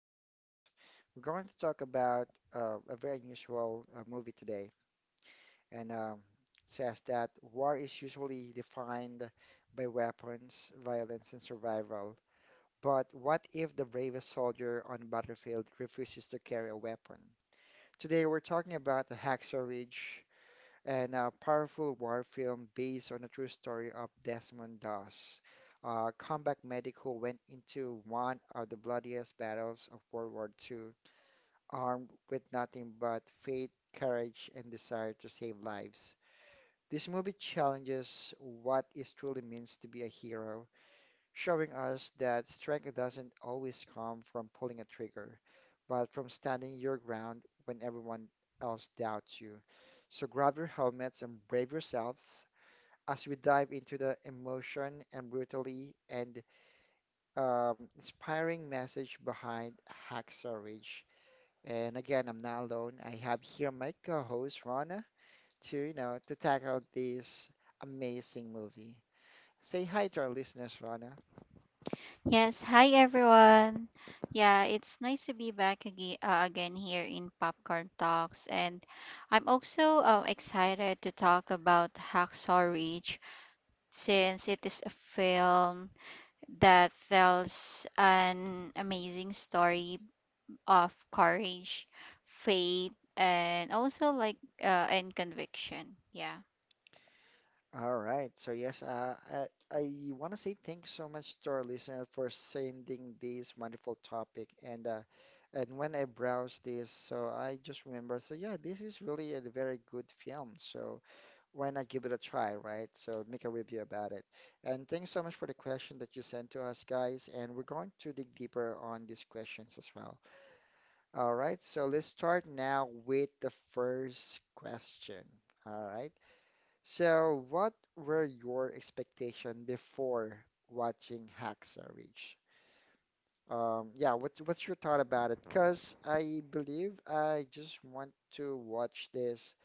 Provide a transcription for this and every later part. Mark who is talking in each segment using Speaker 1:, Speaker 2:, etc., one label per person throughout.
Speaker 1: Talks. We're going to talk about a very unusual movie today, and says that war is usually defined by weapons, violence, and survival. But what if the bravest soldier on the battlefield refuses to carry a weapon? Today we're talking about the Hacksaw Ridge, and a powerful war film based on a true story of Desmond Doss, a combat medic who went into one of the bloodiest battles of World War II, armed with nothing but faith, courage, and desire to save lives. This movie challenges what it truly means to be a hero, showing us that strength doesn't always come from pulling a trigger, but from standing your ground when everyone else doubts you. So grab your helmets and brave yourselves as we dive into the emotion and brutally and inspiring message behind Hacksaw Ridge. And again, I'm not alone. I have here my co-host Rana to, you know, to tackle this amazing movie. Say hi to our listeners, Rana.
Speaker 2: Yes, hi everyone. Yeah, it's nice to be back again, again here in Popcorn Talks, and I'm also excited to talk about Hacksaw Ridge since it is a film that tells an amazing story of courage, faith, and also like and conviction. Yeah.
Speaker 1: All right. So yes, I want to say thank you so much to our listener for sending this wonderful topic. And when I browse this, so I just remember. So yeah, this is really a very good film. So why not give it a try, right? So make a review about it. And thanks so much for the question that you sent to us, guys. And we're going to dig deeper on these questions as well. All right. So let's start now with the first question. All right. So, what were your expectation before watching Hacksaw Ridge? Yeah, what's your thought about it? Because I believe I just want to watch this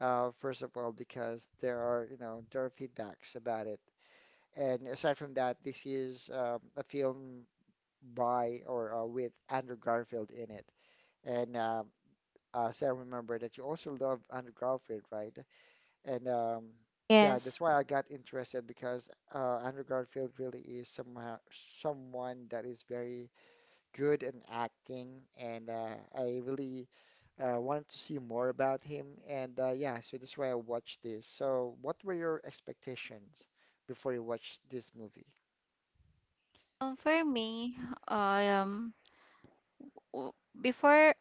Speaker 1: first of all because there are, you know, there are feedbacks about it, and aside from that, this is a film by or with Andrew Garfield in it, and so I remember that you also love Andrew Garfield, right? And yeah,
Speaker 2: Yes.
Speaker 1: that's why I got interested because Andrew Garfield really is somehow someone that is very good in acting, and I really wanted to see more about him. And yeah, so that's why I watched this. So, what were your expectations before you watched this movie?
Speaker 2: For me, um, w- before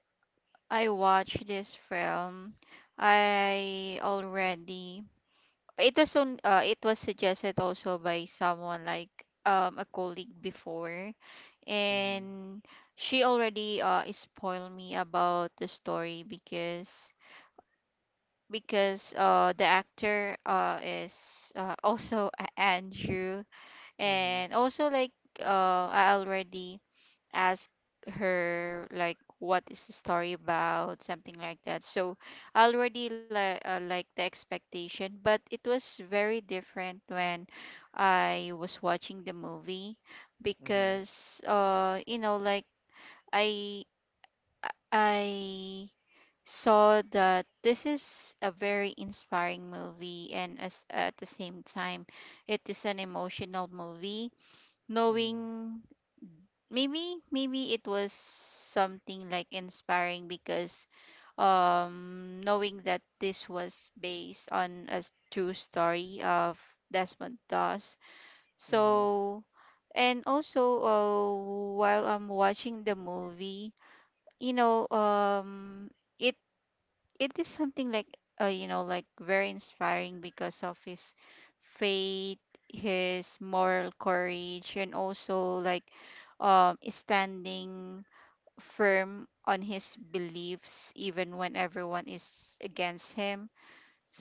Speaker 2: I watched this film, I already— it was on it was suggested also by someone, like, a colleague before,
Speaker 1: Mm-hmm.
Speaker 2: and she already spoiled me about the story, because because the actor is, also Andrew,
Speaker 1: Mm-hmm.
Speaker 2: and also, like, I already ask her, like, what is the story about, something like that. So already, like, like, the expectation, but it was very different when I was watching the movie,
Speaker 1: Mm-hmm.
Speaker 2: because, you know, like, i I saw that this is a very inspiring movie, and as at the same time it is an emotional movie,
Speaker 1: Mm-hmm.
Speaker 2: knowing— maybe it was something like inspiring because, knowing that this was based on a true story of Desmond Doss.
Speaker 1: Mm-hmm.
Speaker 2: So, and also, while I'm watching the movie, you know, it it is something like, you know, like, very inspiring because of his faith, his moral courage, and also, like, standing firm on his beliefs even when everyone is against him.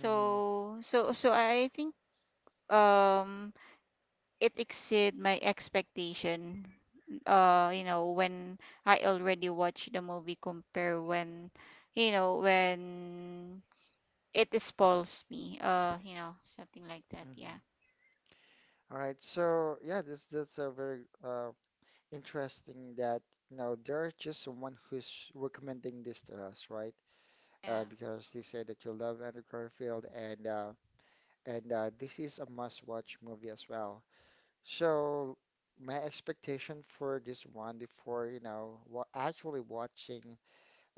Speaker 1: Mm-hmm.
Speaker 2: I think um it exceed my expectation, you know, when I already watched the movie compare when, you know, when it spoils me, you know, something like that. Yeah.
Speaker 1: Mm-hmm. All right. So yeah, this that's a very interesting that, you know, there's just someone who's recommending this to us, right?
Speaker 2: Yeah.
Speaker 1: Because they said that you love Andrew Garfield, and this is a must-watch movie as well. So my expectation for this one before, you know, wa actually watching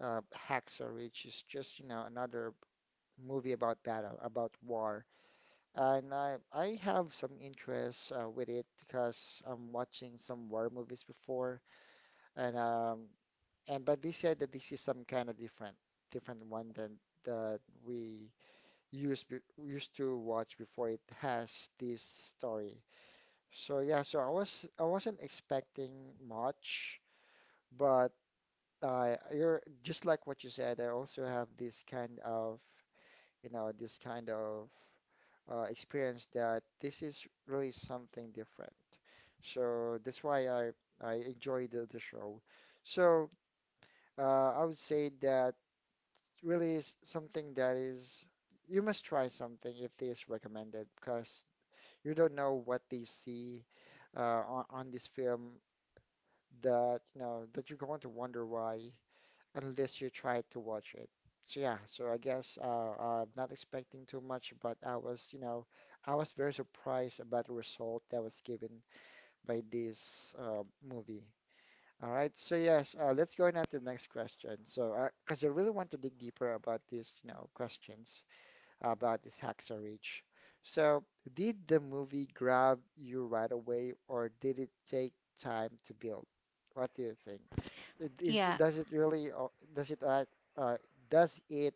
Speaker 1: uh, Hacksaw Ridge is just, you know, another movie about battle, about war, and I have some interest with it because I'm watching some war movies before. And um, And but they said that this is some kind of different one than that we used be- used to watch before it has this story. So yeah, so I was I wasn't expecting much, but you're just like what you said. I also have this kind of, you know, this kind of experience that this is really something different. So that's why I enjoy the show. So I would say that. Really is something that is you must try something if this recommended because you don't know what they see on this film that, you know, that you're going to wonder why unless you try to watch it. So yeah, so I guess I'm not expecting too much, but I was, you know, I was very surprised about the result that was given by this movie. All right, so yes, let's go on to the next question. So, because I really want to dig deeper about these, you know, questions about this Hacksaw Ridge. So, did the movie grab you right away, or did it take time to build? What do you think? It is,
Speaker 2: Yeah.
Speaker 1: does it really, does it, uh, uh, does it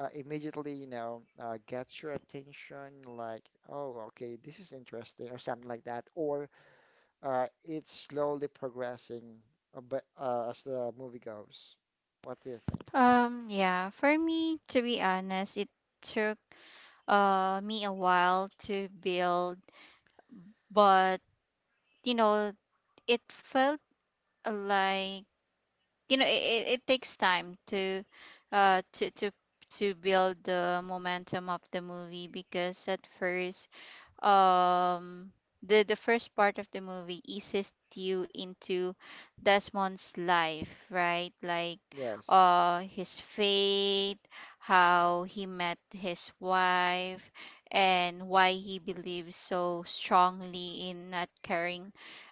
Speaker 1: immediately, you know, get your attention? Like, oh, okay, this is interesting, or something like that, or it's slowly progressing, but as the movie goes. What do you think?
Speaker 2: Yeah. For me, to be honest, it took me a while to build, but, you know, it felt like, you know, it takes time to uh to to to build the momentum of the movie. Because at first, um the first part of the movie eases you into Desmond's life, right? Like,
Speaker 1: Yes.
Speaker 2: his fate, how he met his wife, and why he believes so strongly in not carrying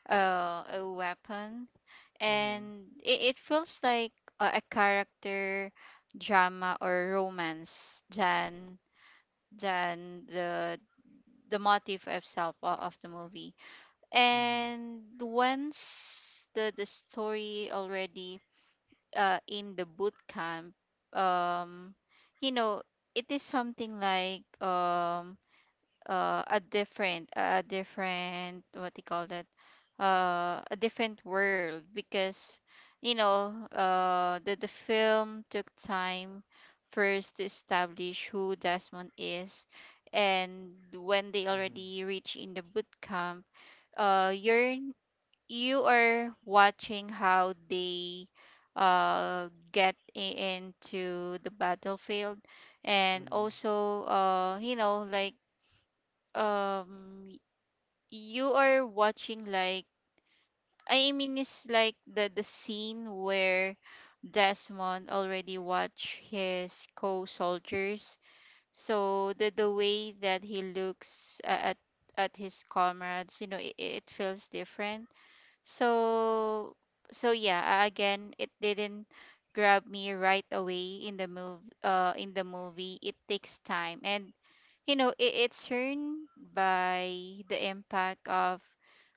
Speaker 2: a weapon.
Speaker 1: Mm-hmm.
Speaker 2: And it feels like a character drama or romance than than the the motif of of the movie.
Speaker 1: Mm-hmm.
Speaker 2: And once the story already, in the boot camp, um you know, it is something like, a different— a different, what do you call that, a different world, because, you know, the film took time first to establish who Desmond is. And when they
Speaker 1: Mm-hmm.
Speaker 2: already reach in the boot camp, you're— you are watching how they uh get i- into the battlefield, and
Speaker 1: Mm-hmm.
Speaker 2: also, you know, like, um y- you are watching, like— I mean, it's like the scene where Desmond already watched his co-soldiers. So the way that he looks at his comrades, you know, it feels different. So so yeah, again, it didn't grab me right away in the move in the movie. It takes time, and, you know, it, it's earned by the impact of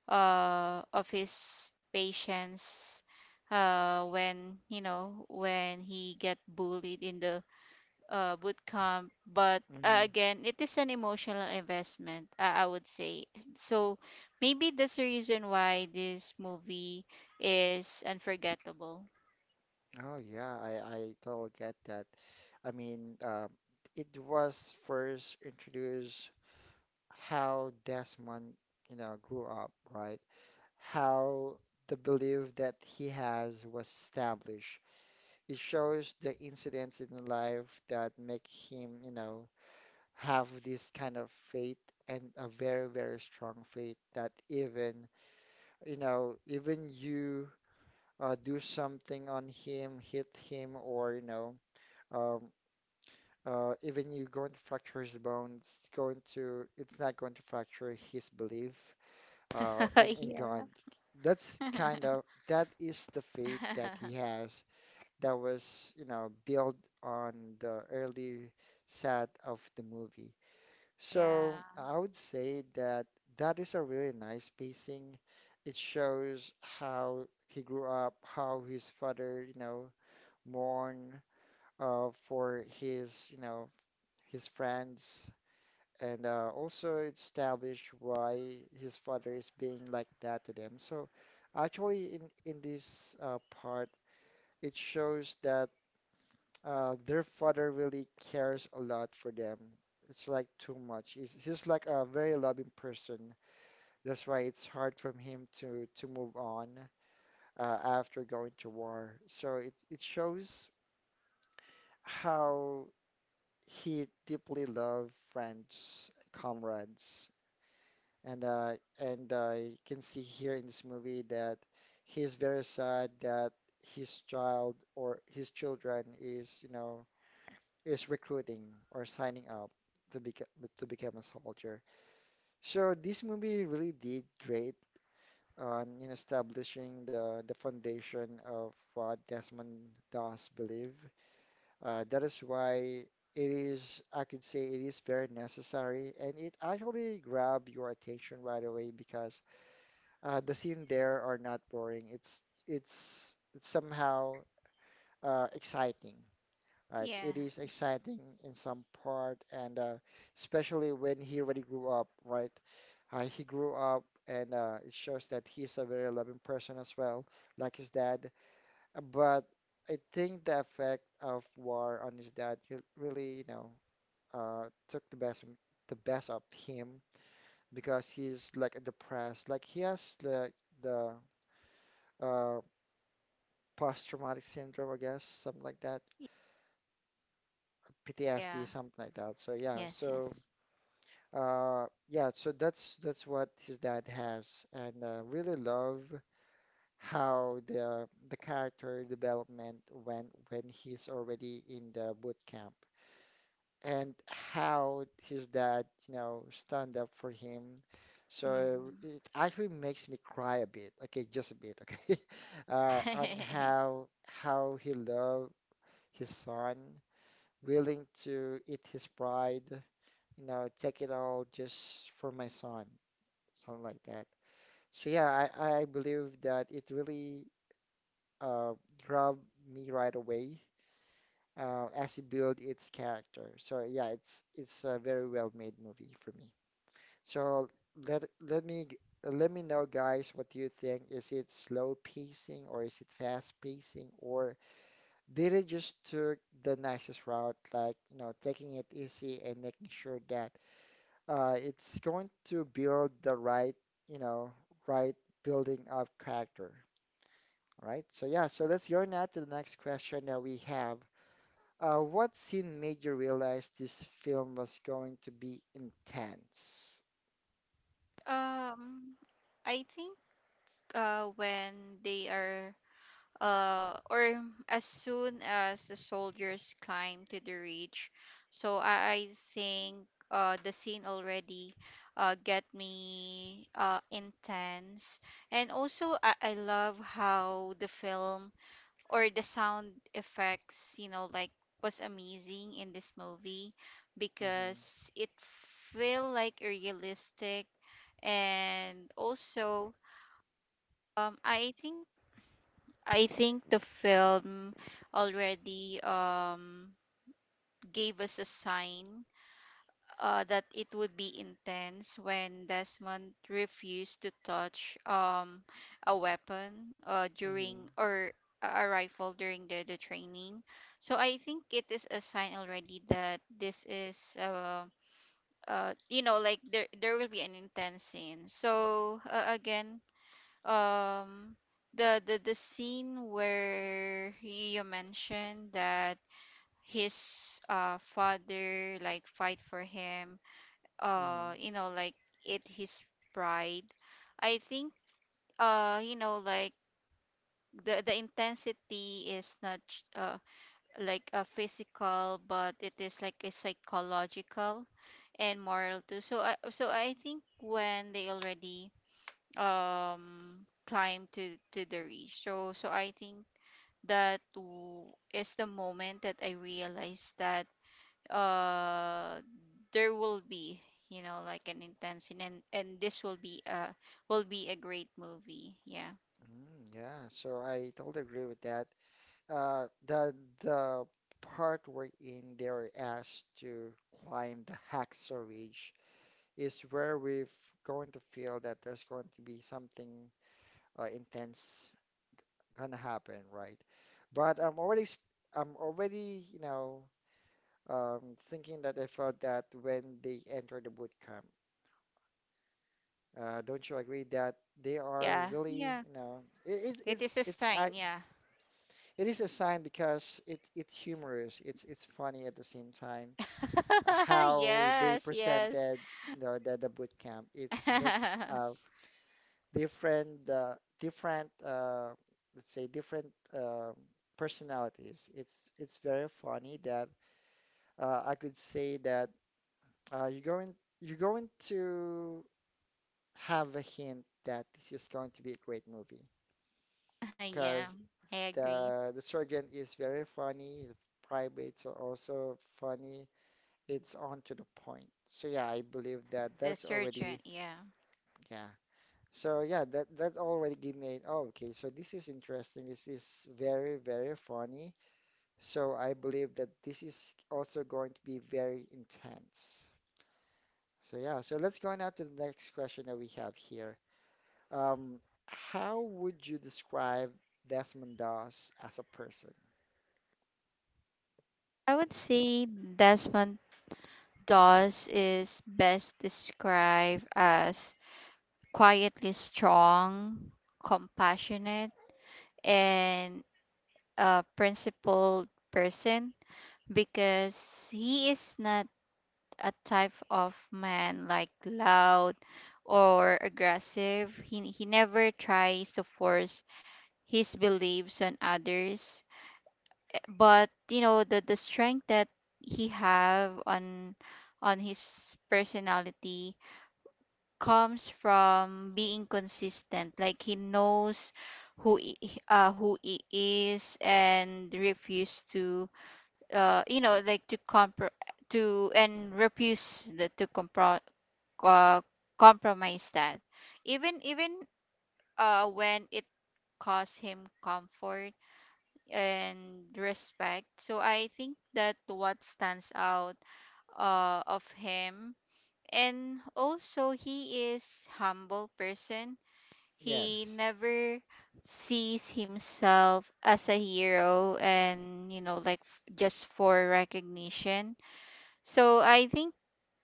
Speaker 2: his patience when, you know, when he get bullied in the boot camp. But,
Speaker 1: hmm
Speaker 2: again, it is an emotional investment, I would say. So maybe that's the reason why this movie is unforgettable.
Speaker 1: Oh yeah, I totally get that. I mean, it was first introduced how Desmond, you know, grew up, right? How the belief that he has was established. It shows the incidents in life that make him, you know, have this kind of faith and a very, very strong faith that even, you know, even you do something on him, hit him, or, you know. Um, Even you're going to fracture his bones, it's going to, it's not going to fracture his belief uh, in, in God.
Speaker 2: Yeah.
Speaker 1: That's kind of that is the faith that he has that was, you know, built on the early set of the movie. So
Speaker 2: Yeah.
Speaker 1: I would say that that is a really nice pacing. It shows how he grew up, how his father, you know, mourned for his, you know, his friends, and also establish why his father is being like that to them. So actually, in this part, it shows that their father really cares a lot for them. It's like too much. He's like a very loving person. That's why it's hard from him to move on after going to war. So it shows how he deeply loved friends, comrades. And uh, and you can see here in this movie that he's very sad that his child or his children is, you know, is recruiting or signing up to become to become a soldier. So this movie really did great on in establishing the foundation of what Desmond does believe. That is why it is, I could say, it is very necessary, and it actually grabbed your attention right away because the scene there are not boring. It's somehow exciting, right?
Speaker 2: Yeah.
Speaker 1: It is exciting in some part, and especially when he already grew up, right? He grew up, and it shows that he's a very loving person as well, like his dad. But I think the effect of war on his dad re- really, you know, took the best of him because he's like depressed, like he has the uh, post-traumatic syndrome, I guess, something like that,
Speaker 2: Yeah.
Speaker 1: PTSD, something like that. So yeah,
Speaker 2: Yes, yes.
Speaker 1: so yeah, so that's what his dad has, and really love how the character development went when he's already in the boot camp, and how his dad, you know, stand up for him. So
Speaker 2: Mhm.
Speaker 1: it actually makes me cry a bit, okay, just a bit, okay, on how he loved his son, willing to eat his pride, you know, take it all just for my son, something like that. So yeah, I believe that it really uh, grabbed me right away as it built its character. So yeah, it's a very well made movie for me. So let let me g- let me know, guys, what do you think? Is it slow pacing or is it fast pacing, or did it just took the nicest route, like, you know, taking it easy and making sure that it's going to build the right, you know, right building of character. All right? So yeah, so let's go now to the next question that we have. What scene made you realize this film was going to be intense?
Speaker 2: Um, I think, when they are, or as soon as the soldiers climb to the ridge, so I think, the scene already get me, intense. And also, I love how the film or the sound effects, you know, like, was amazing in this movie,
Speaker 1: Mm-hmm,
Speaker 2: because it feel like realistic. And also, I think— I think the film already gave us a sign, that it would be intense when Desmond refused to touch, a weapon, during,
Speaker 1: mm-hmm,
Speaker 2: or a rifle during the training. So I think it is a sign already that this is, you know, like, there— there will be an intense scene. So, again, um, the scene where you mentioned that his, father like fight for him,
Speaker 1: mm-hmm.
Speaker 2: you know, like, it— his pride, I think, you know, like, the intensity is not like a physical, but it is like a psychological and moral too. So I— so I think when they already climb to the reach, so so I think that is the moment that I realized that, uh there will be, you know, like, an intense, and and this will be— will be a great movie. Yeah.
Speaker 1: Mm, yeah, so I totally agree with that. Uh, the the part wherein they were asked to climb the Hacksaw Ridge is where we're going to feel that there's going to be something intense gonna happen, right? But I'm already, s- I'm already, you know, um, thinking that I felt that when they enter the boot camp. Don't you agree that they are
Speaker 2: Yeah.
Speaker 1: really,
Speaker 2: Yeah,
Speaker 1: you know, it,
Speaker 2: it
Speaker 1: it's
Speaker 2: is a
Speaker 1: it's
Speaker 2: sign.
Speaker 1: ac-
Speaker 2: Yeah.
Speaker 1: it is a sign because it it's humorous, it's funny at the same time. How they
Speaker 2: Yes, yes.
Speaker 1: presented the boot camp, it's mix of different different let's say different um personalities. It's very funny that I could say that uh, you're going you're going to have a hint that this is going to be a great movie
Speaker 2: Yeah,
Speaker 1: because
Speaker 2: I agree.
Speaker 1: the surgeon is very funny. The privates are also funny. It's on to the point. So yeah, I believe that
Speaker 2: The
Speaker 1: that's already
Speaker 2: surgeon, yeah.
Speaker 1: yeah. So yeah, that that already gave me an, oh, okay, so this is interesting. This is very, very funny. So I believe that this is also going to be very intense. So yeah, so let's go on now to the next question that we have here. Um, how would you describe Desmond Doss as a person?
Speaker 2: I would say Desmond Doss is best described as quietly strong, compassionate, and a principled person, because he is not a type of man, like, loud or aggressive. He never tries to force his beliefs on others. But, you know, the strength that he have on his personality comes from being consistent. Like, he knows who he- who he is, and refuse to, you know, like, to compr to— and refuse the, to uh, compromise that, even— even when it costs him comfort and respect. So I think that what stands out of him. And also, he is humble person. He
Speaker 1: Yes,
Speaker 2: never sees himself as a hero and, you know, like, just for recognition. So I think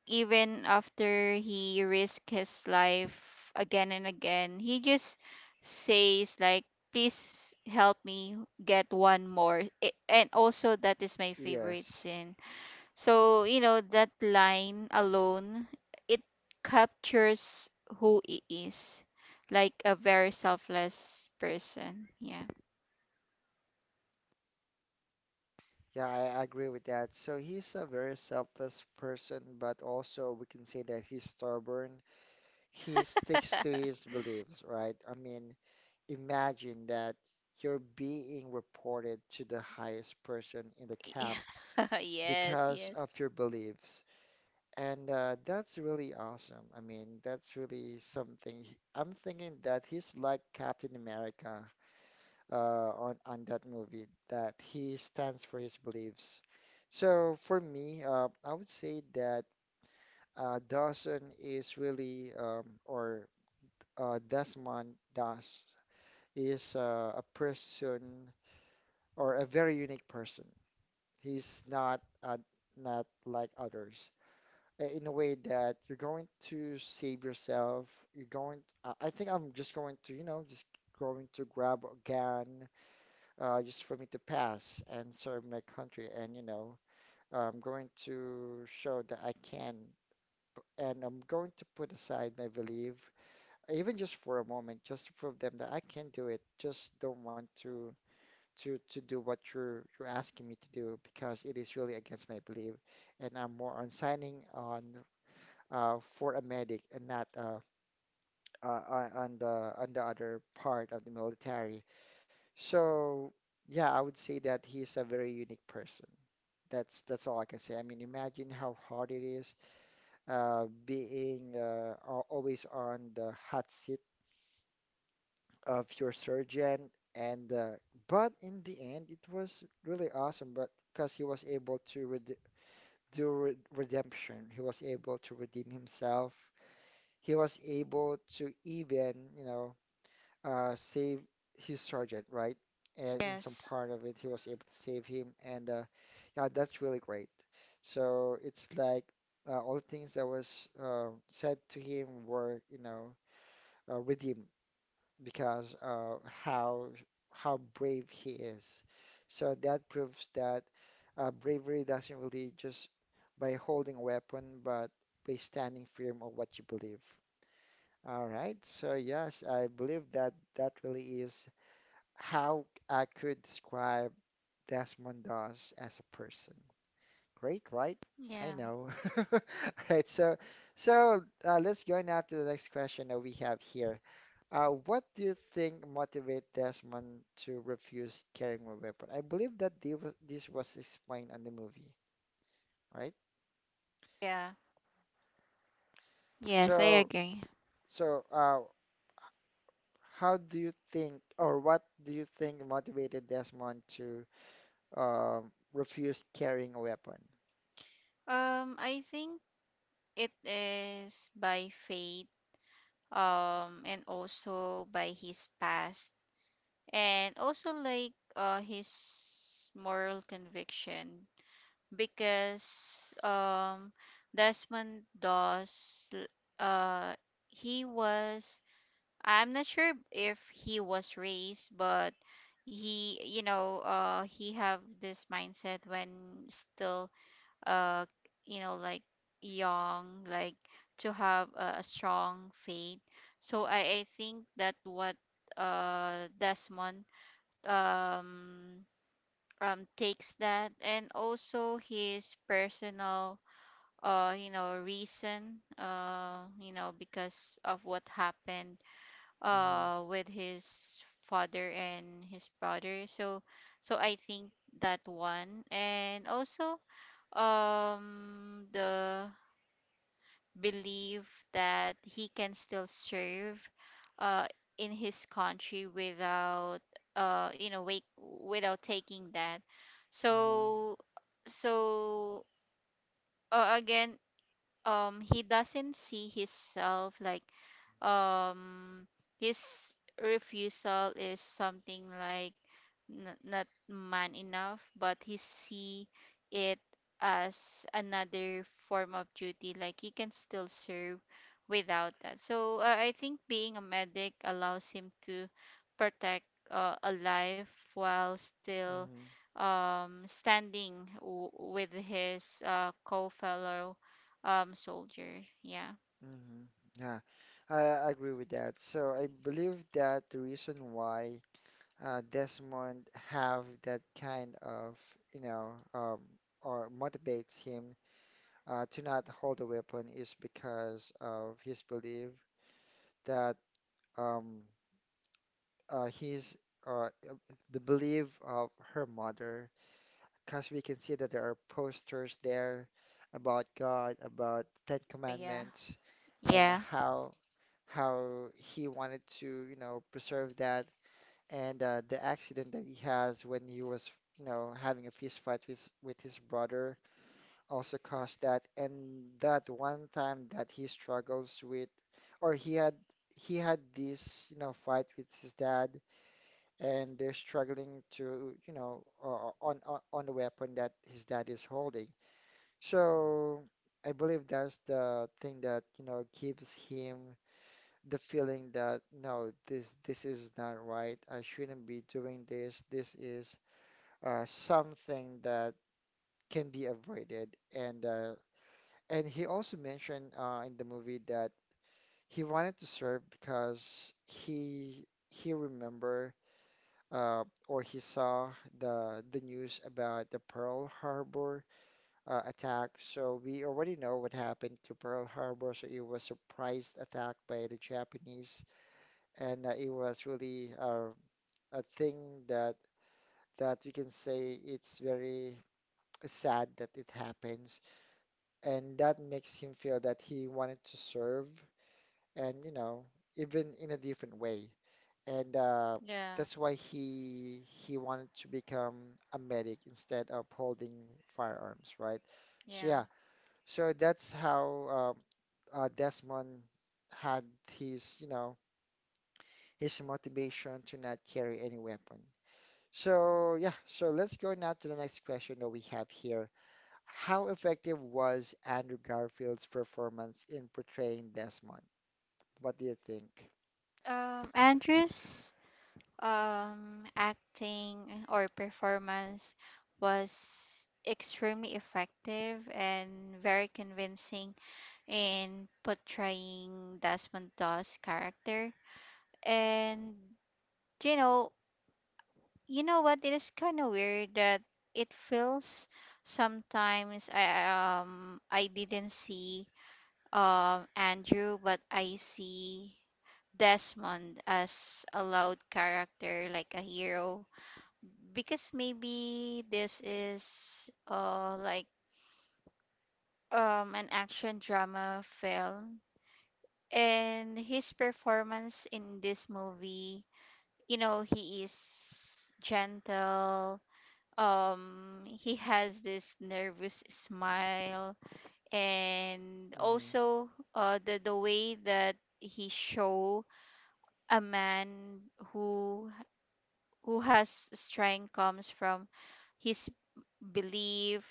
Speaker 2: even after he risked his life again and again, he just says like, "Please help me get one more." I— and also that is my favorite
Speaker 1: yes.
Speaker 2: scene. So you know, that line alone, it captures who he is, like a very selfless person. Yeah.
Speaker 1: Yeah, I agree with that. So he's a very selfless person, but also we can say that he's stubborn, he sticks to his beliefs, right? I mean, imagine that you're being reported to the highest person in the camp
Speaker 2: Yes,
Speaker 1: because
Speaker 2: yes.
Speaker 1: of your beliefs. And That's really awesome. I mean, that's really something. I'm thinking that he's like Captain America uh, on that movie, that he stands for his beliefs. So for me, I would say that Dawson is really, or Desmond Das is a person or a very unique person. He's not not like others in a way that you're going to save yourself. You're going. I think I'm just going to, just going to grab a gun just for me to pass and serve my country. And you know, I'm going to show that I can, and I'm going to put aside my belief even just for a moment, just to prove them that I can do it. Just don't want to to do what you're asking me to do because it is really against my belief, and I'm more on signing on for a medic and not on on the other part of the military. So yeah, I would say that he is a very unique person. That's all I can say. I mean, imagine how hard it is, being always on the hot seat of your surgeon and but in the end it was really awesome, but because he was able to red do re redemption, he was able to redeem himself, he was able to even, you know, save his sergeant, right? And in some
Speaker 2: Yes.
Speaker 1: part of it he was able to save him and yeah, that's really great. So it's like all the things that was, said to him were, you know, redeemed because how how brave he is. So that proves that bravery doesn't really just by holding a weapon, but by standing firm on what you believe. All right. So yes, I believe that that really is how I could describe Desmond Doss as a person. Great, right? I
Speaker 2: Yeah.
Speaker 1: know. All right. So let's go now to the next question that we have here. What do you think motivated Desmond to refuse carrying a weapon? I believe that they this was explained on the movie, right?
Speaker 2: Yeah. Yes, I
Speaker 1: So,
Speaker 2: agree.
Speaker 1: so, how do you think, or what do you think motivated Desmond to refuse carrying a weapon?
Speaker 2: I think it is by faith, and also by his past, and also, like, his moral conviction. Because, Desmond Doss, uh, he was— I'm not sure if he was raised, but he, you know, he have this mindset when still, uh you know, like, young, like, to have a strong faith. So I think that what, Desmond, um takes that, and also his personal, you know, reason, you know, because of what happened
Speaker 1: Mm-hmm.
Speaker 2: with his father and his brother. So so I think that one, and also, the believe that he can still serve, uh, in his country without, you know, wait, without taking that.
Speaker 1: Mm-hmm.
Speaker 2: So so, again, he doesn't see himself like, um his refusal is something like, not man enough, but he see it as another form of duty, like he can still serve without that. So, I think being a medic allows him to protect, a life, while still
Speaker 1: Mm-hmm.
Speaker 2: standing with his, co-fellow, soldier. Yeah.
Speaker 1: Mm-hmm. Yeah, I I agree with that. So I believe that the reason why, Desmond have that kind of, you know, or motivates him to not hold a weapon is because of his belief that um, he's uh, uh, the belief of her mother, because we can see that there are posters there about God, about Ten
Speaker 2: But yeah.
Speaker 1: Commandments, and
Speaker 2: Yeah.
Speaker 1: how he wanted to, you know, preserve that, and the accident that he has when he was, you know, having a fist fight with his brother also caused that. And that one time that he struggles with, or he had, this, you know, fight with his dad, and they're struggling to, you know, on the weapon that his dad is holding. So I believe that's the thing that, you know, gives him the feeling that no, this is not right. I shouldn't be doing this. This is something that can be avoided. And he also mentioned, in the movie, that he wanted to serve because he remember, or he saw the news about the Pearl Harbor attack. So we already know what happened to Pearl Harbor. So it was a surprise attack by the Japanese, and it was really, a thing that we can say, it's very sad that it happens, and that makes him feel that he wanted to serve, and you know, even in a different way, and
Speaker 2: Yeah.
Speaker 1: that's why he wanted to become a medic instead of holding firearms, right? So
Speaker 2: Yeah.
Speaker 1: yeah, so that's how Desmond had his, you know, his motivation to not carry any weapon. So, yeah, so let's go now to the next question that we have here. How effective was Andrew Garfield's performance in portraying Desmond? What do you think?
Speaker 2: Andrew's acting or performance was extremely effective and very convincing in portraying Desmond Doss character. And, you know, you know what? It is kind of weird that it feels, sometimes I didn't see Andrew, but I see Desmond as a loud character, like a hero, because maybe this is, like, an action drama film. And his performance in this movie, you know, he is gentle. He has this nervous smile, and
Speaker 1: Mm-hmm.
Speaker 2: also, the way that he show a man who who has strength comes from his belief,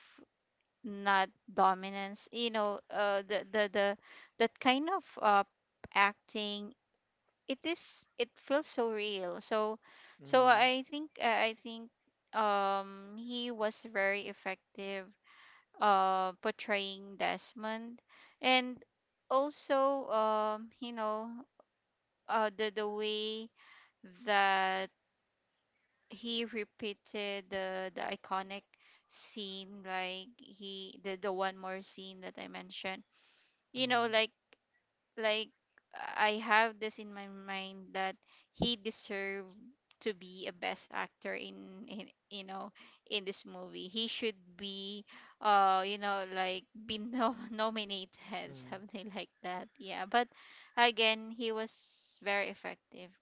Speaker 2: not dominance. You know, the that kind of, acting, it is— it feels so real. So so
Speaker 1: Mm-hmm.
Speaker 2: i think, I think he was very effective portraying Desmond. And also, you know, the way that he repeated the iconic scene, like he— the one more scene that I mentioned. You know,
Speaker 1: Mm-hmm.
Speaker 2: like, I have this in my mind that he deserved to be a best actor in, you know, in this movie. He should be, you know, like, be nominated, something like that. Yeah. But again, he was very effective.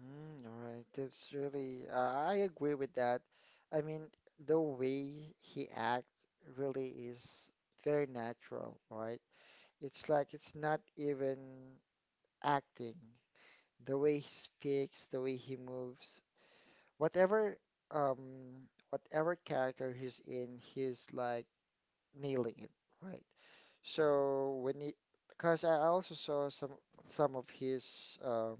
Speaker 1: Mm-hmm. All right. That's really, I agree with that. I mean, the way he acts really is very natural, right? It's like it's not even acting. The way he speaks, the way he moves, whatever whatever character he's in, he's like nailing it, right? So when he, because I also saw some some of his um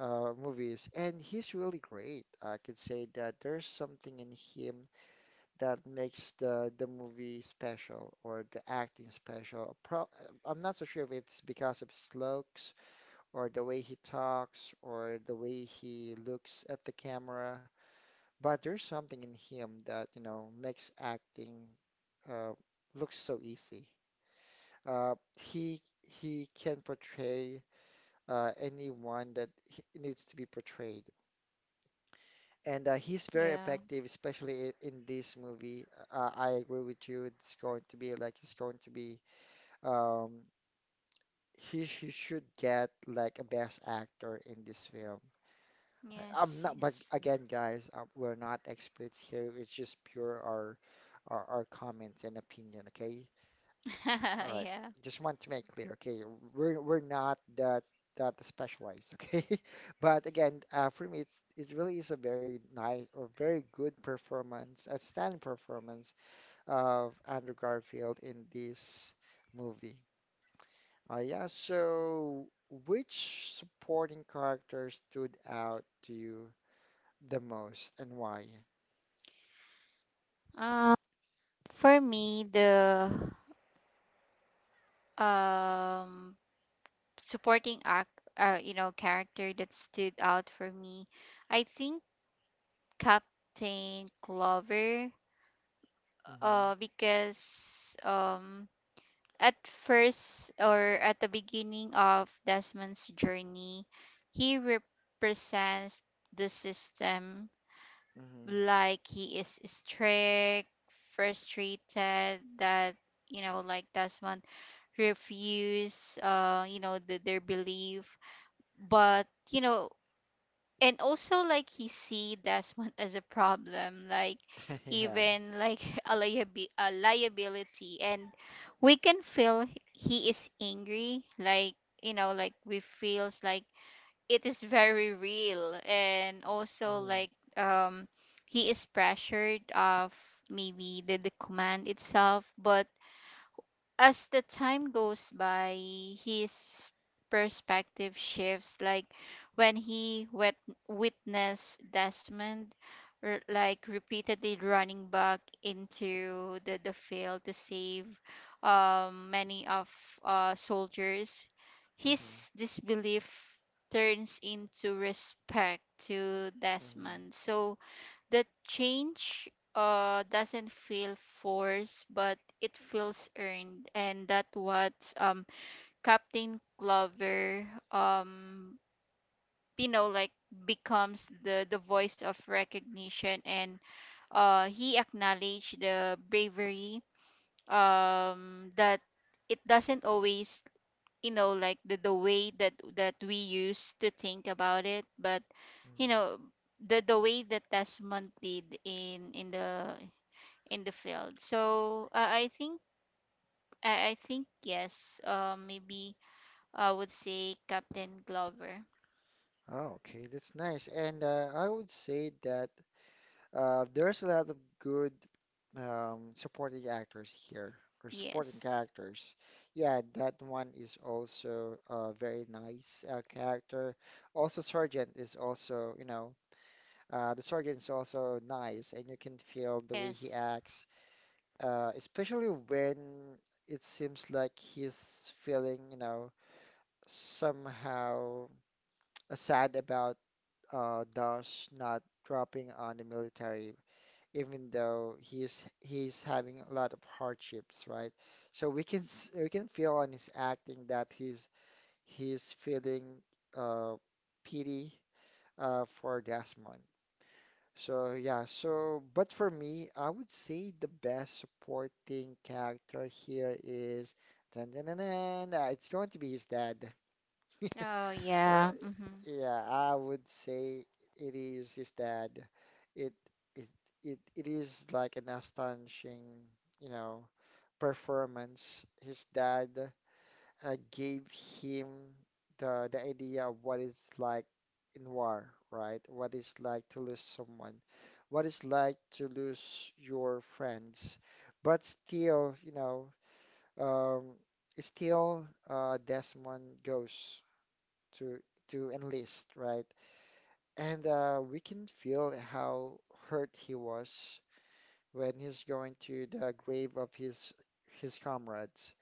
Speaker 1: uh movies, and he's really great. I could say that there's something in him that makes the movie special or the acting special. Pro I'm not so sure if it's because of his looks or the way he talks or the way he looks at the camera, but there's something in him that, you know, makes acting, uh, looks so easy. He can portray anyone that he needs to be portrayed, and he's very
Speaker 2: Yeah.
Speaker 1: effective, especially in this movie. I agree with you. It's going to be like it's going to be. Um, he, should get like a best actor in this film. I'm
Speaker 2: Yes,
Speaker 1: not, but
Speaker 2: yes.
Speaker 1: again, guys, we're not experts here. It's just pure our comments and opinion. Okay. All right.
Speaker 2: Yeah.
Speaker 1: Just want to make clear. Okay, we're not that specialized. Okay. But again, for me, it really is a very nice or very good performance, outstanding performance of Andrew Garfield in this movie. Yeah. So, which supporting character stood out to you the most and why?
Speaker 2: Um, for me, the, um supporting act, you know, character that stood out for me, I think, Captain Clover.
Speaker 1: Mm-hmm.
Speaker 2: Because at first, or at the beginning of Desmond's journey, he represents the system,
Speaker 1: Mm-hmm.
Speaker 2: like he is strict, frustrated that, you know, like Desmond refuse, you know, the, their belief. But, you know, and also, like, he see Desmond as a problem, like,
Speaker 1: Yeah.
Speaker 2: even like, a, a liability. And we can feel he is angry, like, you know, like, we feels like it is very real. And also,
Speaker 1: Mm-hmm.
Speaker 2: like, he is pressured of maybe the command itself. But as the time goes by, his perspective shifts. Like when witnessed Desmond, like repeatedly running back into the field to save many of soldiers,
Speaker 1: Mm-hmm.
Speaker 2: his disbelief turns into respect to
Speaker 1: Mm-hmm.
Speaker 2: Desmond. So the change doesn't feel forced, but it feels earned, and that what Captain Clover, um, you know, like becomes the voice of recognition, and he acknowledged the bravery, that it doesn't always, the way that we used to think about it, but you
Speaker 1: Mm-hmm.
Speaker 2: know, the way that Desmond did in the field. So I think I think yes. Maybe I would say Captain Glover.
Speaker 1: Oh, okay, that's nice. And I would say that there's a lot of good supporting actors here or supporting
Speaker 2: Yes.
Speaker 1: characters. Yeah, that one is also a very nice character. Also, Sergeant is also, you know, the Sergeant is also nice, and you can feel the way
Speaker 2: Yes.
Speaker 1: he acts, especially when it seems like he's feeling, you know, somehow sad about Dash not dropping on the military, even though he's having a lot of hardships, right? So we can we can feel on his acting that he's feeling uh, pity for Desmond. So yeah, so but for me, I would say the best supporting character here is dun, dun, dun, dun, it's going to be his dad.
Speaker 2: Oh
Speaker 1: Uh,
Speaker 2: yeah. Mm-hmm.
Speaker 1: yeah, I would say it is his dad. It it it is like an astonishing, you know, performance. His dad, I gave him the idea of what it's like in war, right? What it's like to lose someone, what it's like to lose your friends. But still, you know, um, still, Desmond goes to enlist, right? And we can feel how hurt he was when he's going to the grave of his comrades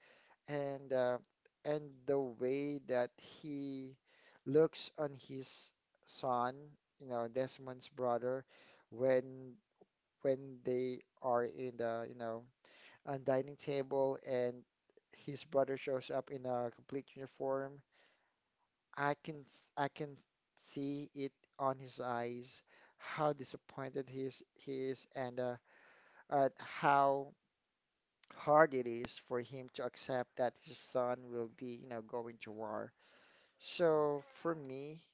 Speaker 1: and uh, and the way that he looks on his son, you know, Desmond's brother, when they are in the, you know, on dining table and his brother shows up in a complete uniform. I can I can see it on his eyes how disappointed he is and at how hard it is for him to accept that his son will be, you know, going to war. So for me,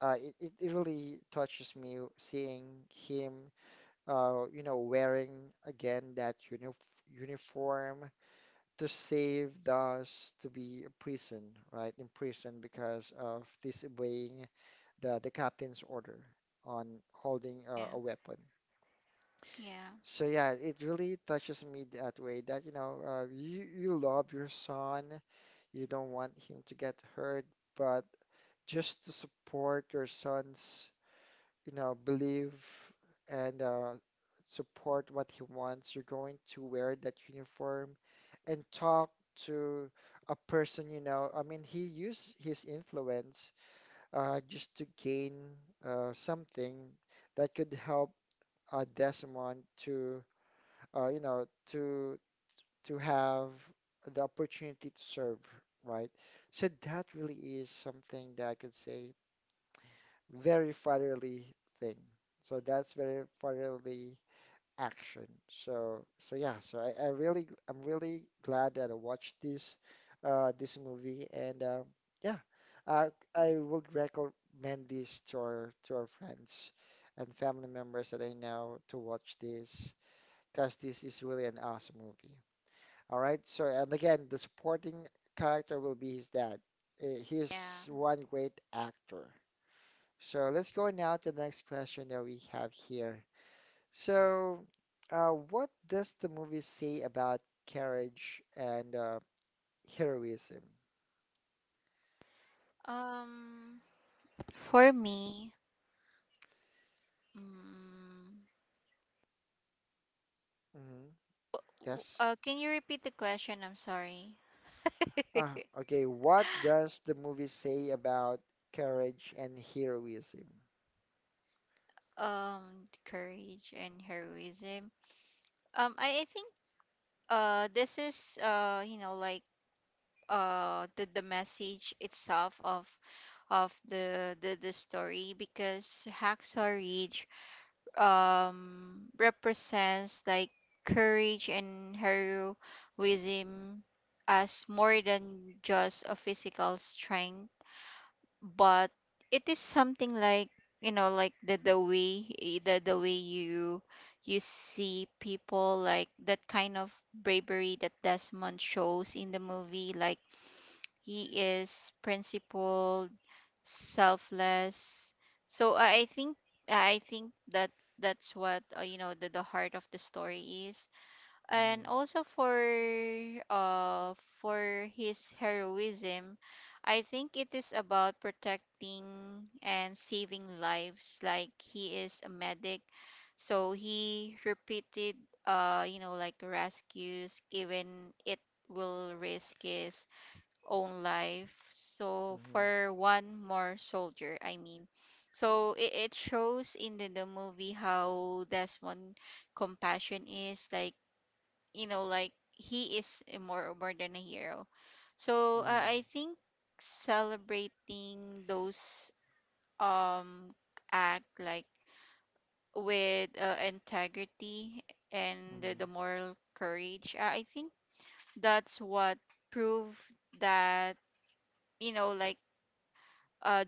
Speaker 1: it really touches me seeing him, you know, wearing again that uniform to save us to be in prison, right? In prison because of disobeying the, captain's order on holding
Speaker 2: Yeah.
Speaker 1: a weapon.
Speaker 2: Yeah.
Speaker 1: So yeah, it really touches me that way that, you know, you love your son, you don't want him to get hurt, but just to support your son's, you know, believe and support what he wants, you're going to wear that uniform and talk to a person, you know. I mean, he used his influence, just to gain, something that could help, Desmond to, you know, to have the opportunity to serve, right? So that really is something that I could say, very fatherly thing. So that's very fatherly action. So yeah, so I really, I'm really glad that I watched this this movie and yeah, I I would recommend this to our friends and family members that I know to watch this, because this is really an awesome movie. All right, so and again, the supporting character will be his dad. Uh,
Speaker 2: Yeah.
Speaker 1: He's one great actor. So let's go now to the next question that we have here. So what does the movie say about courage and heroism?
Speaker 2: Um, for me, mm,
Speaker 1: Hmm. Yes.
Speaker 2: can you repeat the question? I'm sorry.
Speaker 1: Ah, okay. What does the movie say about courage and heroism?
Speaker 2: um, courage and heroism. I think this is the message itself of the story because Hacksaw Ridge represents like courage and heroism as more than just a physical strength, but it is something like the way the way you see people, like that kind of bravery that Desmond shows in the movie. Like he is principled, selfless. So I think I think that that's what, the heart of the story is, and
Speaker 1: Hmm.
Speaker 2: also uh for his heroism, I think it is about protecting and saving lives. Like he is a medic, so he repeated you know like rescues even it will risk his own life. So
Speaker 1: Hmm.
Speaker 2: for one more soldier, I mean. So it shows in the movie how Desmond compassion is like, you know, like he is a more than a hero. So
Speaker 1: Hmm.
Speaker 2: I think celebrating those um act like with integrity and
Speaker 1: Hmm.
Speaker 2: the moral courage, I think that's what prove that you know like uh,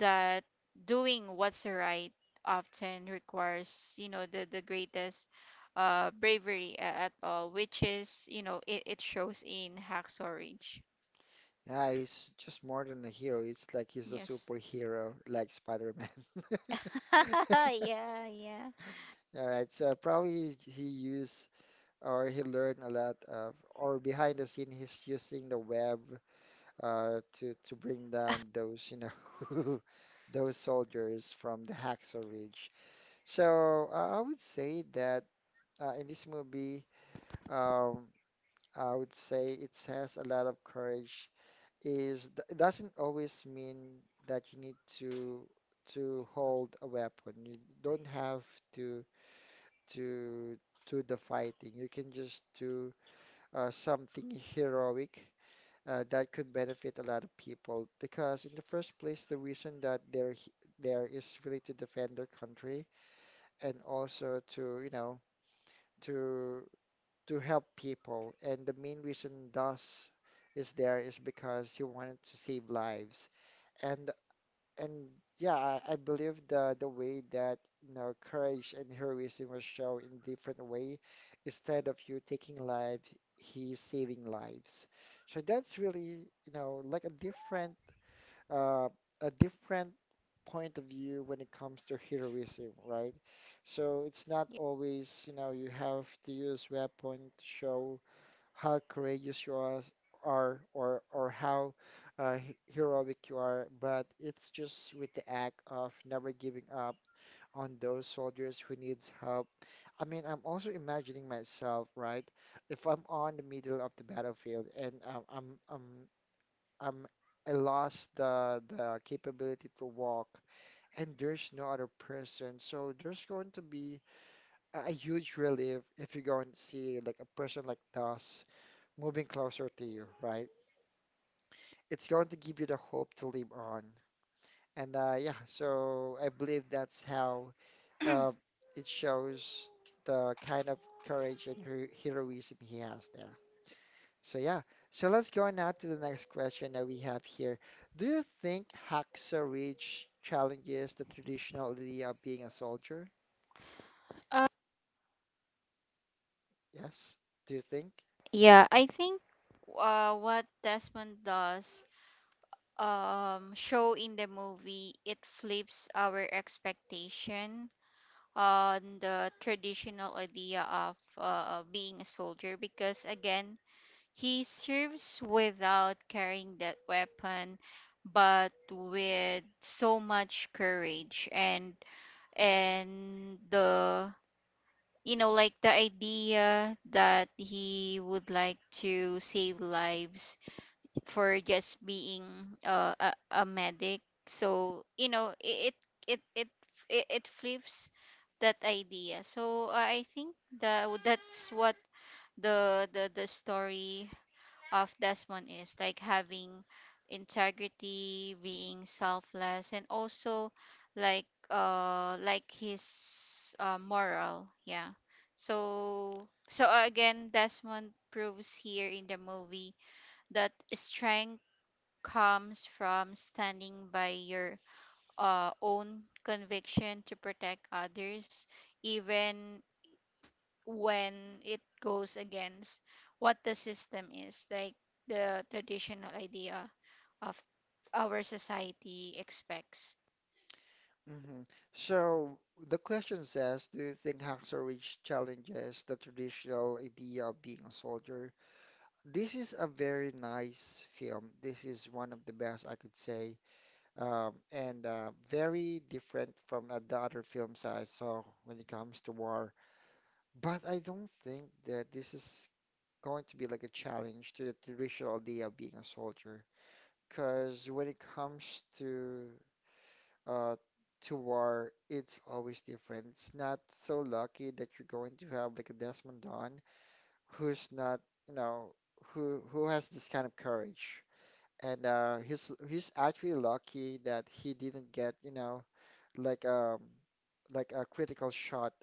Speaker 2: that doing what's right often requires, you know, the greatest bravery at all, which is, you know, it shows in Hacksaw Ridge.
Speaker 1: Yeah, he's just more than a hero. It's like he's a
Speaker 2: Yes.
Speaker 1: superhero, like Spider-Man.
Speaker 2: Yeah, yeah.
Speaker 1: All right, so probably he used or he learned a lot of, or behind the scene, he's using the web to bring down those, you know, those soldiers from the Hacksaw Ridge. So I would say that in this movie, um, I would say it has a lot of courage. It doesn't always mean that you need to hold a weapon. You don't have to to to the fighting. You can just do something heroic that could benefit a lot of people. Because in the first place, the reason that there is really to defend their country and also to, you know, to to help people. And the main reason DOS is there is because he wanted to save lives. And and yeah, I believe the way that you know courage and heroism was shown in different way, instead of you taking lives, he's saving lives. So that's really you know like uh, a different point of view when it comes to heroism, right? So it's not always you know you have to use weapon to show how courageous you are or how heroic you are, but it's just with the act of never giving up on those soldiers who needs help. I mean, I'm also imagining myself, right? If I'm on the middle of the battlefield and I'm I lost the capability to walk and there's no other person, so there's going to be a huge relief if you're going to see like a person like us moving closer to you, right? It's going to give you the hope to live on. And yeah, so I believe that's how uh, it shows the kind of courage and heroism he has there. So yeah, so let's go on now to the next question that we have here. Do you think Hacksaw Ridge challenges the traditional idea of being a soldier?
Speaker 2: uh,
Speaker 1: Yes. Do you think?
Speaker 2: yeah I think what Desmond does show in the movie, it flips our expectation on the traditional idea of being a soldier because again, he serves without carrying that weapon, but with so much courage and the, you know, like the idea that he would like to save lives for just being a medic. So you know it it it flips that idea. So I think that that's what the story of Desmond is like, having integrity, being selfless, and also like his moral. Yeah. So so again, Desmond proves here in the movie that strength comes from standing by your own conviction to protect others, even when it goes against what the system is, like the traditional idea of our society expects.
Speaker 1: Hmm. So the question says, do you think Hacksaw challenges the traditional idea of being a soldier? This is a very nice film. This is one of the best I could say, and very different from the other films I saw when it comes to war. But I don't think that this is going to be like a challenge to the traditional idea of being a soldier. Because when it comes uh, to war, it's always different. It's not so lucky that you're going to have like a Desmond Dawn who's not, you know, who has this kind of courage. And he's actually lucky that he didn't get, you know, like um like a critical shot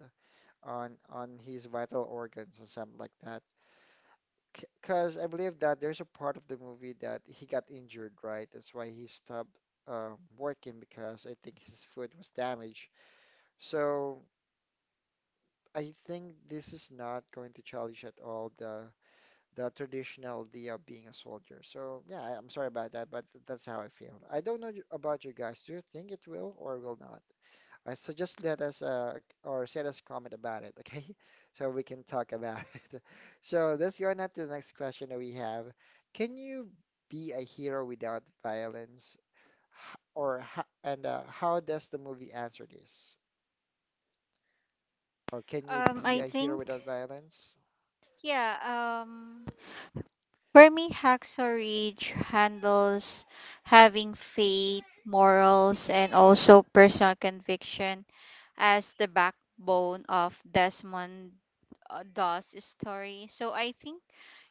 Speaker 1: on his vital organs or something like that. Because I believe that there's a part of the movie that he got injured, right? That's why he stopped uh, working because I think his foot was damaged so I think this is not going to challenge at all the traditional idea of being a soldier. So yeah, I'm sorry about that, but that's how I feel. I don't know about you guys. Do you think it will or will not? I so just let us or send us comment about it, okay? So we can talk about it. So let's go on to the next question that we have. Can you be a hero without violence? H- Or ho- and How does the movie answer this? Or can you be
Speaker 2: I
Speaker 1: a hero
Speaker 2: think,
Speaker 1: without violence?
Speaker 2: yeah, um, for me, Hacksaw Ridge handles having faith, morals, and also personal conviction as the backbone of Desmond Doss' story. So I think,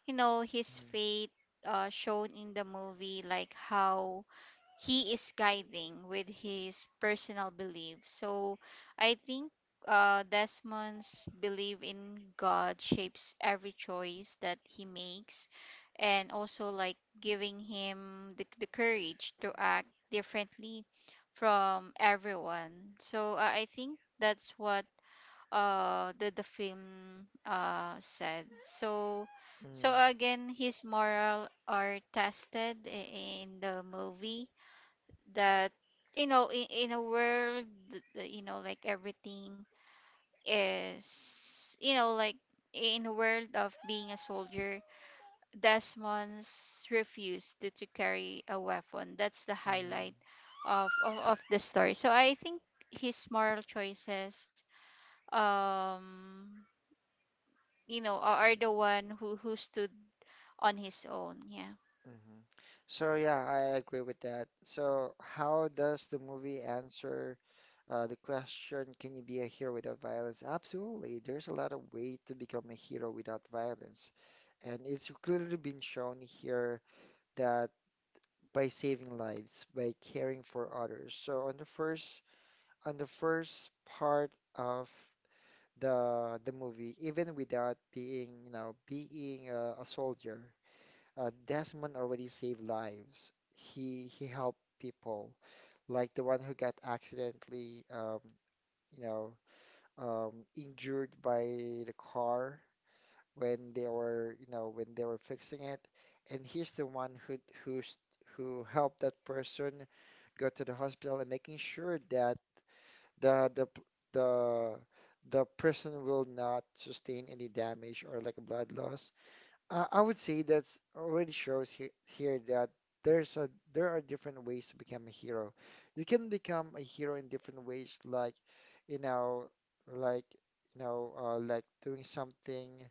Speaker 2: you know, his
Speaker 1: Mm,
Speaker 2: faith shown in the movie, like how he is guiding with his personal belief. So I think Desmond's belief in God shapes every choice that he makes, and also like giving him the courage to act differently from everyone. So I think that's what the film said. So
Speaker 1: mm,
Speaker 2: so again, his moral are tested in the movie that, you know, in a world you know like everything is, you know, like in a world of being a soldier, Desmond's refused to carry a weapon. That's the
Speaker 1: mm-hmm.
Speaker 2: highlight of, of the story. So I think his moral choices um you know are the one who stood on his own. Yeah.
Speaker 1: So yeah, I agree with that. So how does the movie answer the question, can you be a hero without violence? Absolutely. There's a lot of way to become a hero without violence. And it's clearly been shown here that by saving lives, by caring for others. So on the first part of the movie, even without being, you know, being a soldier Desmond already saved lives. He helped people, like the one who got accidentally, you know, um, injured by the car when they were, you know, when they were fixing it. And he's the one who who's who helped that person go to the hospital and making sure that the the the person will not sustain any damage or like a blood loss. I would say that's already shows he here that there's a there are different ways to become a hero. You can become a hero in different ways, like you know, like you know, like doing something,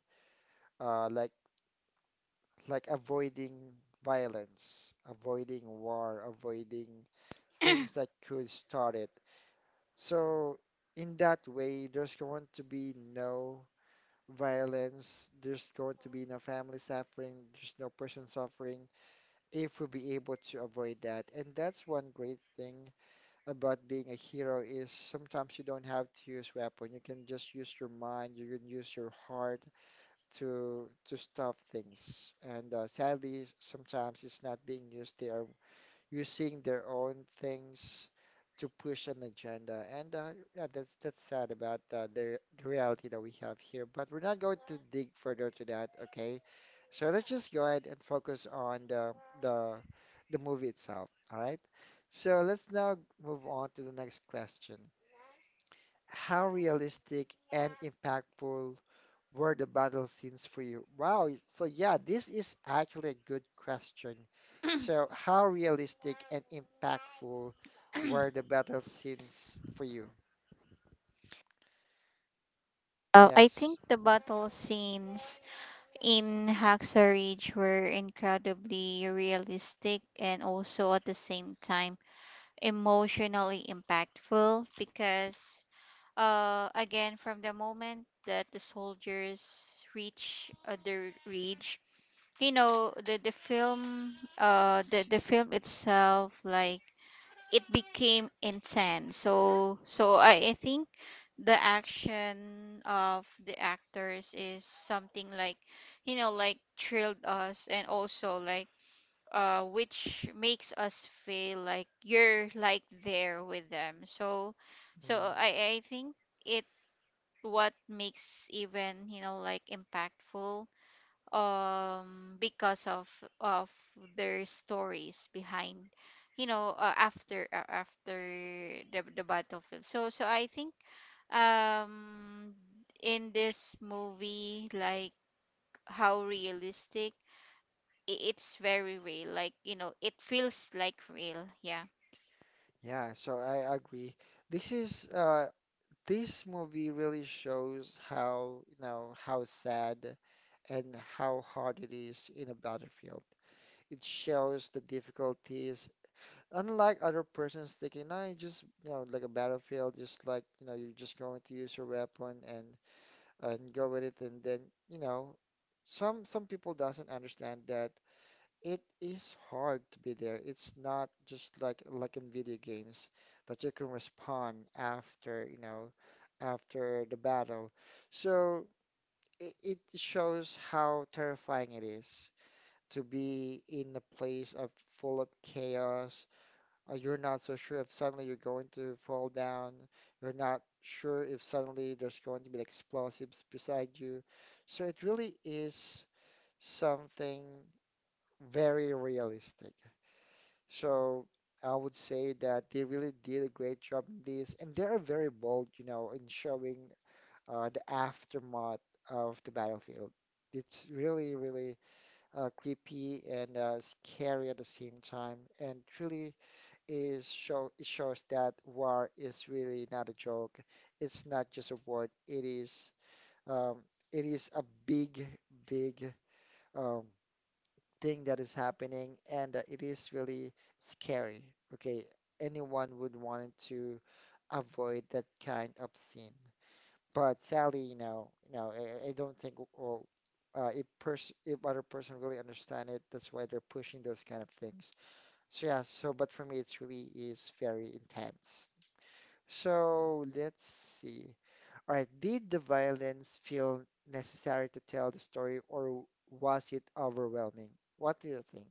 Speaker 1: like avoiding violence, avoiding war, avoiding things that could start it. So in that way, there's going to be no violence. There's going to be no family suffering. There's no person suffering if we'll be able to avoid that. And that's one great thing about being a hero is sometimes you don't have to use weapon. You can just use your mind, you can use your heart to stop things. And sadly, sometimes it's not being used. They are using their own things to push an agenda. And yeah, that's sad about the reality that we have here. But we're not going to dig further to that, okay? So let's just go ahead and focus on the the the movie itself. All right. So let's now move on to the next question. How realistic and impactful were the battle scenes for you? Wow. So yeah, this is actually a good question. So how realistic and impactful were the battle scenes for you?
Speaker 2: I think
Speaker 1: Yes.
Speaker 2: the battle scenes in Hacksaw Ridge were incredibly realistic and also at the same time emotionally impactful because, again, from the moment that the soldiers reach the ridge, you know, the film itself, like it became intense. So so I think the action of the actors is something like, you know, like thrilled us, and also like which makes us feel like you're like there with them. So so
Speaker 1: Mm.
Speaker 2: I think it, what makes even, you know, like impactful because of of their stories behind, you know, after the battlefield. So so I think um in this movie, like how realistic it's very real, like, you know, it feels like real. Yeah.
Speaker 1: Yeah, so I agree. This is this movie really shows how, you know, how sad and how hard it is in a battlefield. It shows the difficulties Unlike other persons thinking, no, you just, you know, like a battlefield, just like, you know, you're just going to use your weapon and go with it and then, you know, some people doesn't understand that it is hard to be there. It's not just like in video games that you can respond after, you know, after the battle. So it shows how terrifying it is to be in a place of full of chaos you're not so sure if suddenly you're going to fall down. You're not sure if suddenly there's going to be like explosives beside you. So it really is something very realistic. So I would say that they really did a great job in this, and they are very bold, you know, in showing the aftermath of the battlefield. It's really, really creepy and scary at the same time, and truly is show it shows that war is really not a joke. It's not just a word. Um, it is a big, big um, thing that is happening, and it is really scary. Okay, anyone would want to avoid that kind of scene. But sadly, you know, I don't think well, if person if other person really understand it, that's why they're pushing those kind of things. So yeah, so but for me, it's really is very intense. So let's see. All right, did the violence feel necessary to tell the story, or was it overwhelming? What do you think?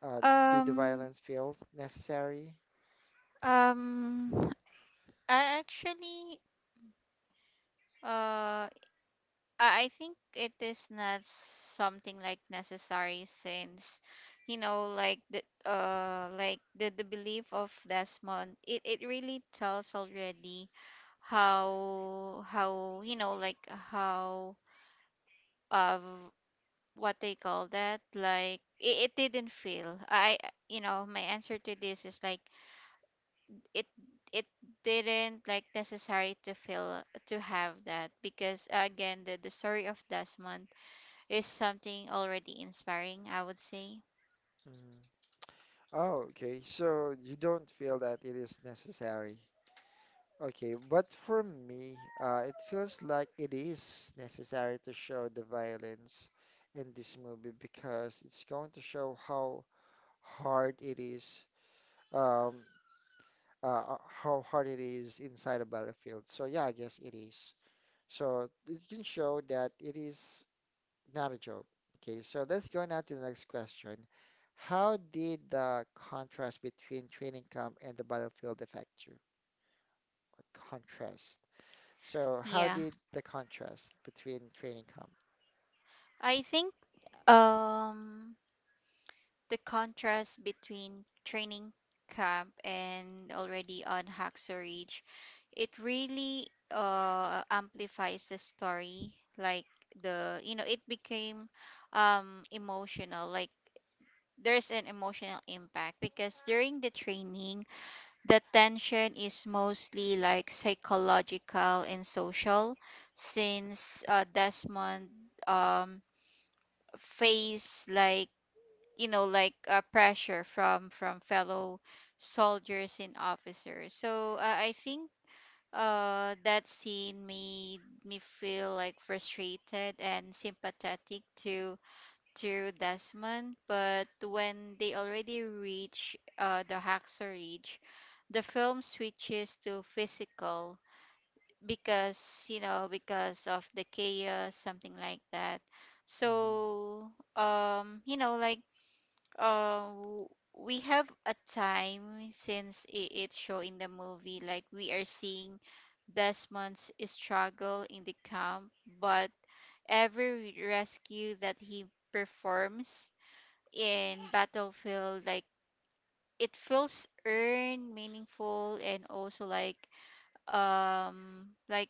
Speaker 1: Uh, did the
Speaker 2: um
Speaker 1: violence feel necessary?
Speaker 2: um I actually uh I think it is not something like necessary, since you know like the the belief of Desmond, it really tells already how you know like how of what they call that like it didn't feel. I You know, my answer to this is like it it didn't like necessary to feel to have that because again, the story of Desmond is something already inspiring, I would say.
Speaker 1: Mm. Oh, okay. So you don't feel that it is necessary. Okay, but for me, it feels like it is necessary to show the violence in this movie because it's going to show how hard it is um, how hard it is inside a battlefield. So yeah, I guess it is. So it can show that it is not a joke. Okay, so let's go now to the next question. How did the contrast between training camp and the battlefield affect you? Or contrast. So how
Speaker 2: Yeah.
Speaker 1: did the contrast between training camp?
Speaker 2: I think um the contrast between training camp and already on Hacksaw Ridge, it really amplifies the story. Like the, you know, it became emotional. Like there's an emotional impact because during the training, the tension is mostly like psychological and social, since Desmond um face like, you know, like pressure from fellow soldiers and officers. So I think that scene made me feel like frustrated and sympathetic to Desmond. But when they already reach the Haxor Ridge, the film switches to physical because, you know, because of the chaos, something like that.
Speaker 1: Hmm.
Speaker 2: So you know, like uh, w- we have a time since it's show in the movie, like we are seeing Desmond's struggle in the camp, but every rescue that he performs in Battlefield, like it feels earned, meaningful, and also like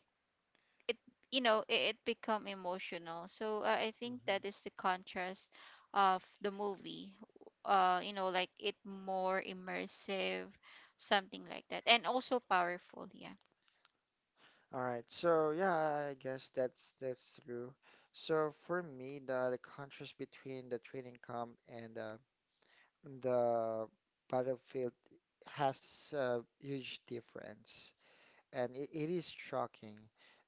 Speaker 2: it you know it, it become emotional. So I think that is the contrast of the movie. You know, like it more immersive, something like that, and also powerful. Yeah.
Speaker 1: All right. So yeah, I guess that's true. So for me, the contrast between the training camp and the Battlefield has a huge difference, and it is shocking.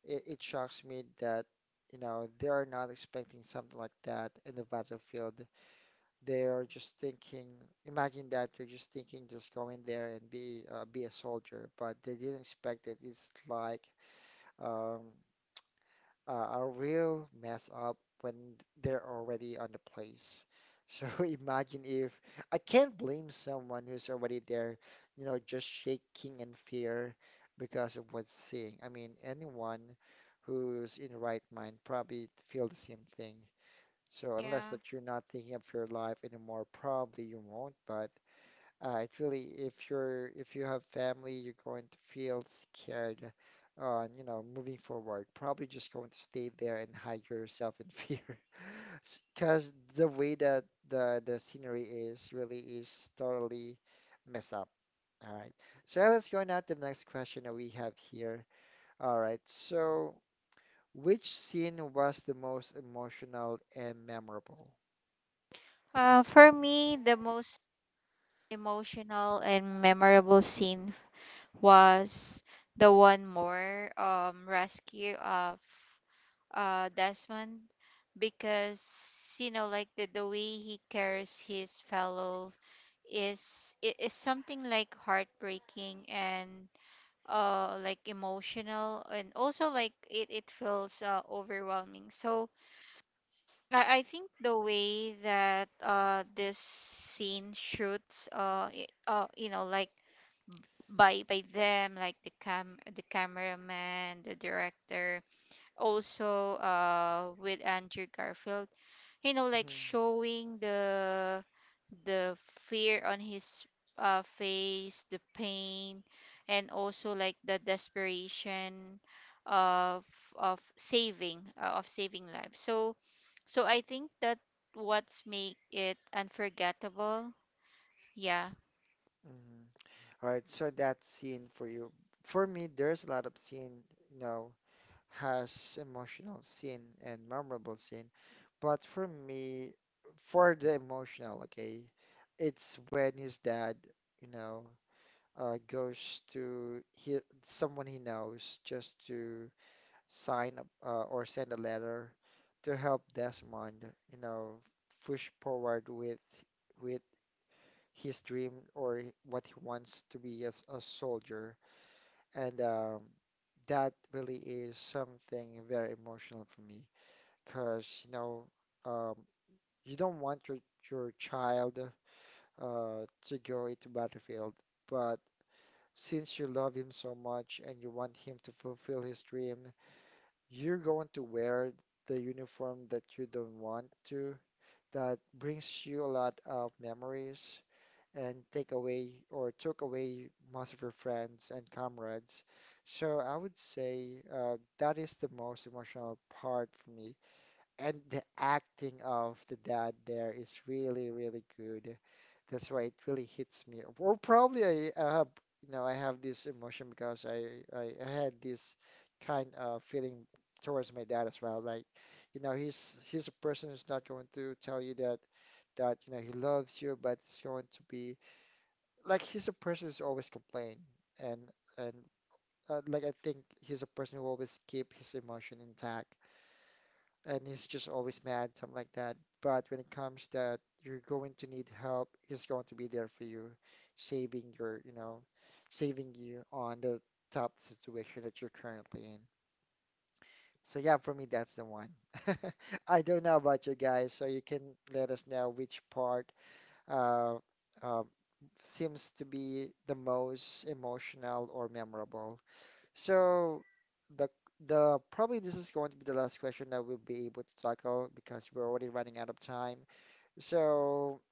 Speaker 1: It shocks me that, you know, they are not expecting something like that in the Battlefield. They are just thinking, imagine that they're just thinking, just go in there and be a soldier, but they didn't expect it. It's like um, a real mess up when they're already on the place. So imagine if I can't blame someone who's already there, you know, just shaking in fear because of what's seeing. I mean, anyone who's in right mind probably feel the same thing. So unless
Speaker 2: Yeah.
Speaker 1: that you're not thinking of your life anymore, probably you won't. But it really, if you're if you have family, you're going to feel scared on, you know, moving forward. Probably just going to stay there and hide yourself in fear. Because the way that the scenery is really is totally messed up. All right. So yeah, let's go now to the next question that we have here. All right. So which scene was the most emotional and memorable?
Speaker 2: For me, the most emotional and memorable scene was the one more rescue of Desmond, because you know like the way he cares his fellow is, it is something like heartbreaking and emotional, and also like it feels overwhelming. So I think the way that this scene shoots you know like b- by by them, like the cameraman, the director, also with Andrew Garfield, you know like
Speaker 1: Mhm.
Speaker 2: showing the the fear on his face, the pain, and also like the desperation of saving of saving lives. So so I think that what's make it unforgettable. Yeah.
Speaker 1: Mhm. All right, so that scene for you. For me, there's a lot of scene, you know, has emotional scene and memorable scene. But for me, for the emotional, okay, it's when his dad, you know, goes to he, someone he knows just to sign up or send a letter to help Desmond, you know, push forward with his dream or what he wants to be as a soldier. And that really is something very emotional for me because, you know, um, you don't want your child uh, to go into battlefield, but since you love him so much and you want him to fulfill his dream, you're going to wear the uniform that you don't want to. That brings you a lot of memories and take away or took away most of your friends and comrades. So I would say that is the most emotional part for me. And the acting of the dad there is really, really good. That's why it really hits me. Or probably I have, you know, I have this emotion because I had this kind of feeling towards my dad as well. Like, you know, he's a person who's not going to tell you that you know he loves you, but it's going to be like he's a person who's always complain and and like I think he's a person who always keep his emotion intact and he's just always mad, something like that. But when it comes that you're going to need help, he's going to be there for you, saving your, you know, saving you on the tough situation that you're currently in. So yeah, for me that's the one. I don't know about you guys, so you can let us know which part uh, uh, seems to be the most emotional or memorable. So the the probably this is going to be the last question that we'll be able to tackle because we're already running out of time. So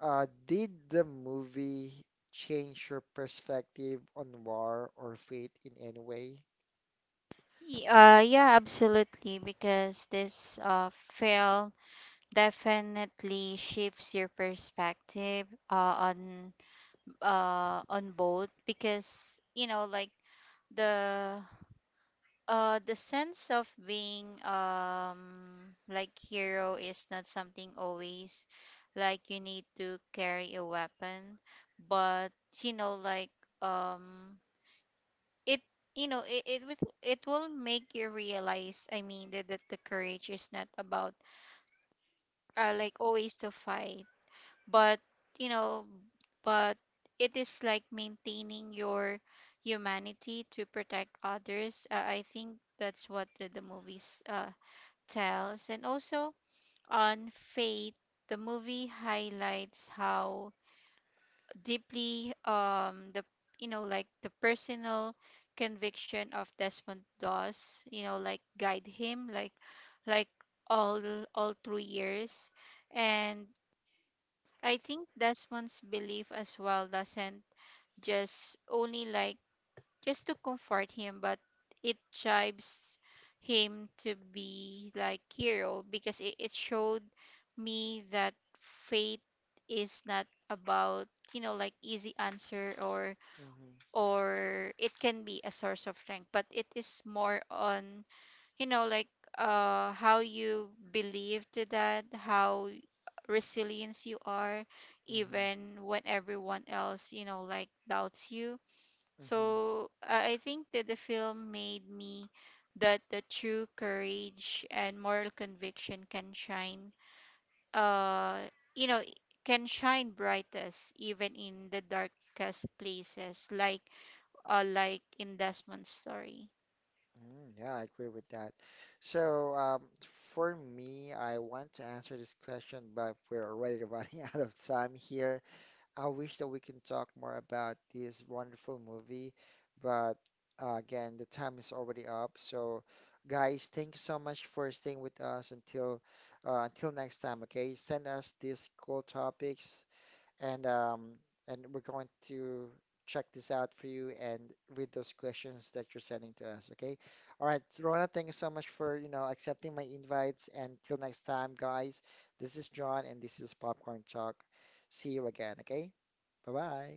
Speaker 1: did the movie change your perspective on war or fate in any way?
Speaker 2: Yeah, absolutely, because this film definitely shifts your perspective on both, because you know like the the sense of being like hero is not something always like you need to carry a weapon, but you know like um it, you know, it will make you realize, I mean, that, that the courage is not about like always to fight, but you know but it is like maintaining your humanity to protect others. I think that's what the movies tells. And also on faith, the movie highlights how deeply the you know like the personal conviction of Desmond Does, you know, like guide him, like like all through years. And I think Desmond's belief as well doesn't just only like just to comfort him, but it chives him to be like hero, because it showed me that faith is not about, you know, like easy answer,
Speaker 1: Mm-hmm.
Speaker 2: or it can be a source of strength, but it is more on, you know, like how you believe to that, how resilience you are
Speaker 1: Mm-hmm.
Speaker 2: even when everyone else, you know, like doubts you.
Speaker 1: Mm-hmm.
Speaker 2: So I think that the film made me that the true courage and moral conviction can shine uh you know can shine brightest even in the darkest places, like in Desmond's story.
Speaker 1: Mm, yeah, I agree with that. So, for me, I want to answer this question, but we're already running out of time here. I wish that we can talk more about this wonderful movie, but again, the time is already up. So, guys, thank you so much for staying with us until next time. Okay, send us these cool topics and um, and we're going to check this out for you and read those questions that you're sending to us. Okay. All right, Rona, thank you so much for, you know, accepting my invites. And till next time, guys, this is John and this is Popcorn Talk. See you again. Okay. Bye bye.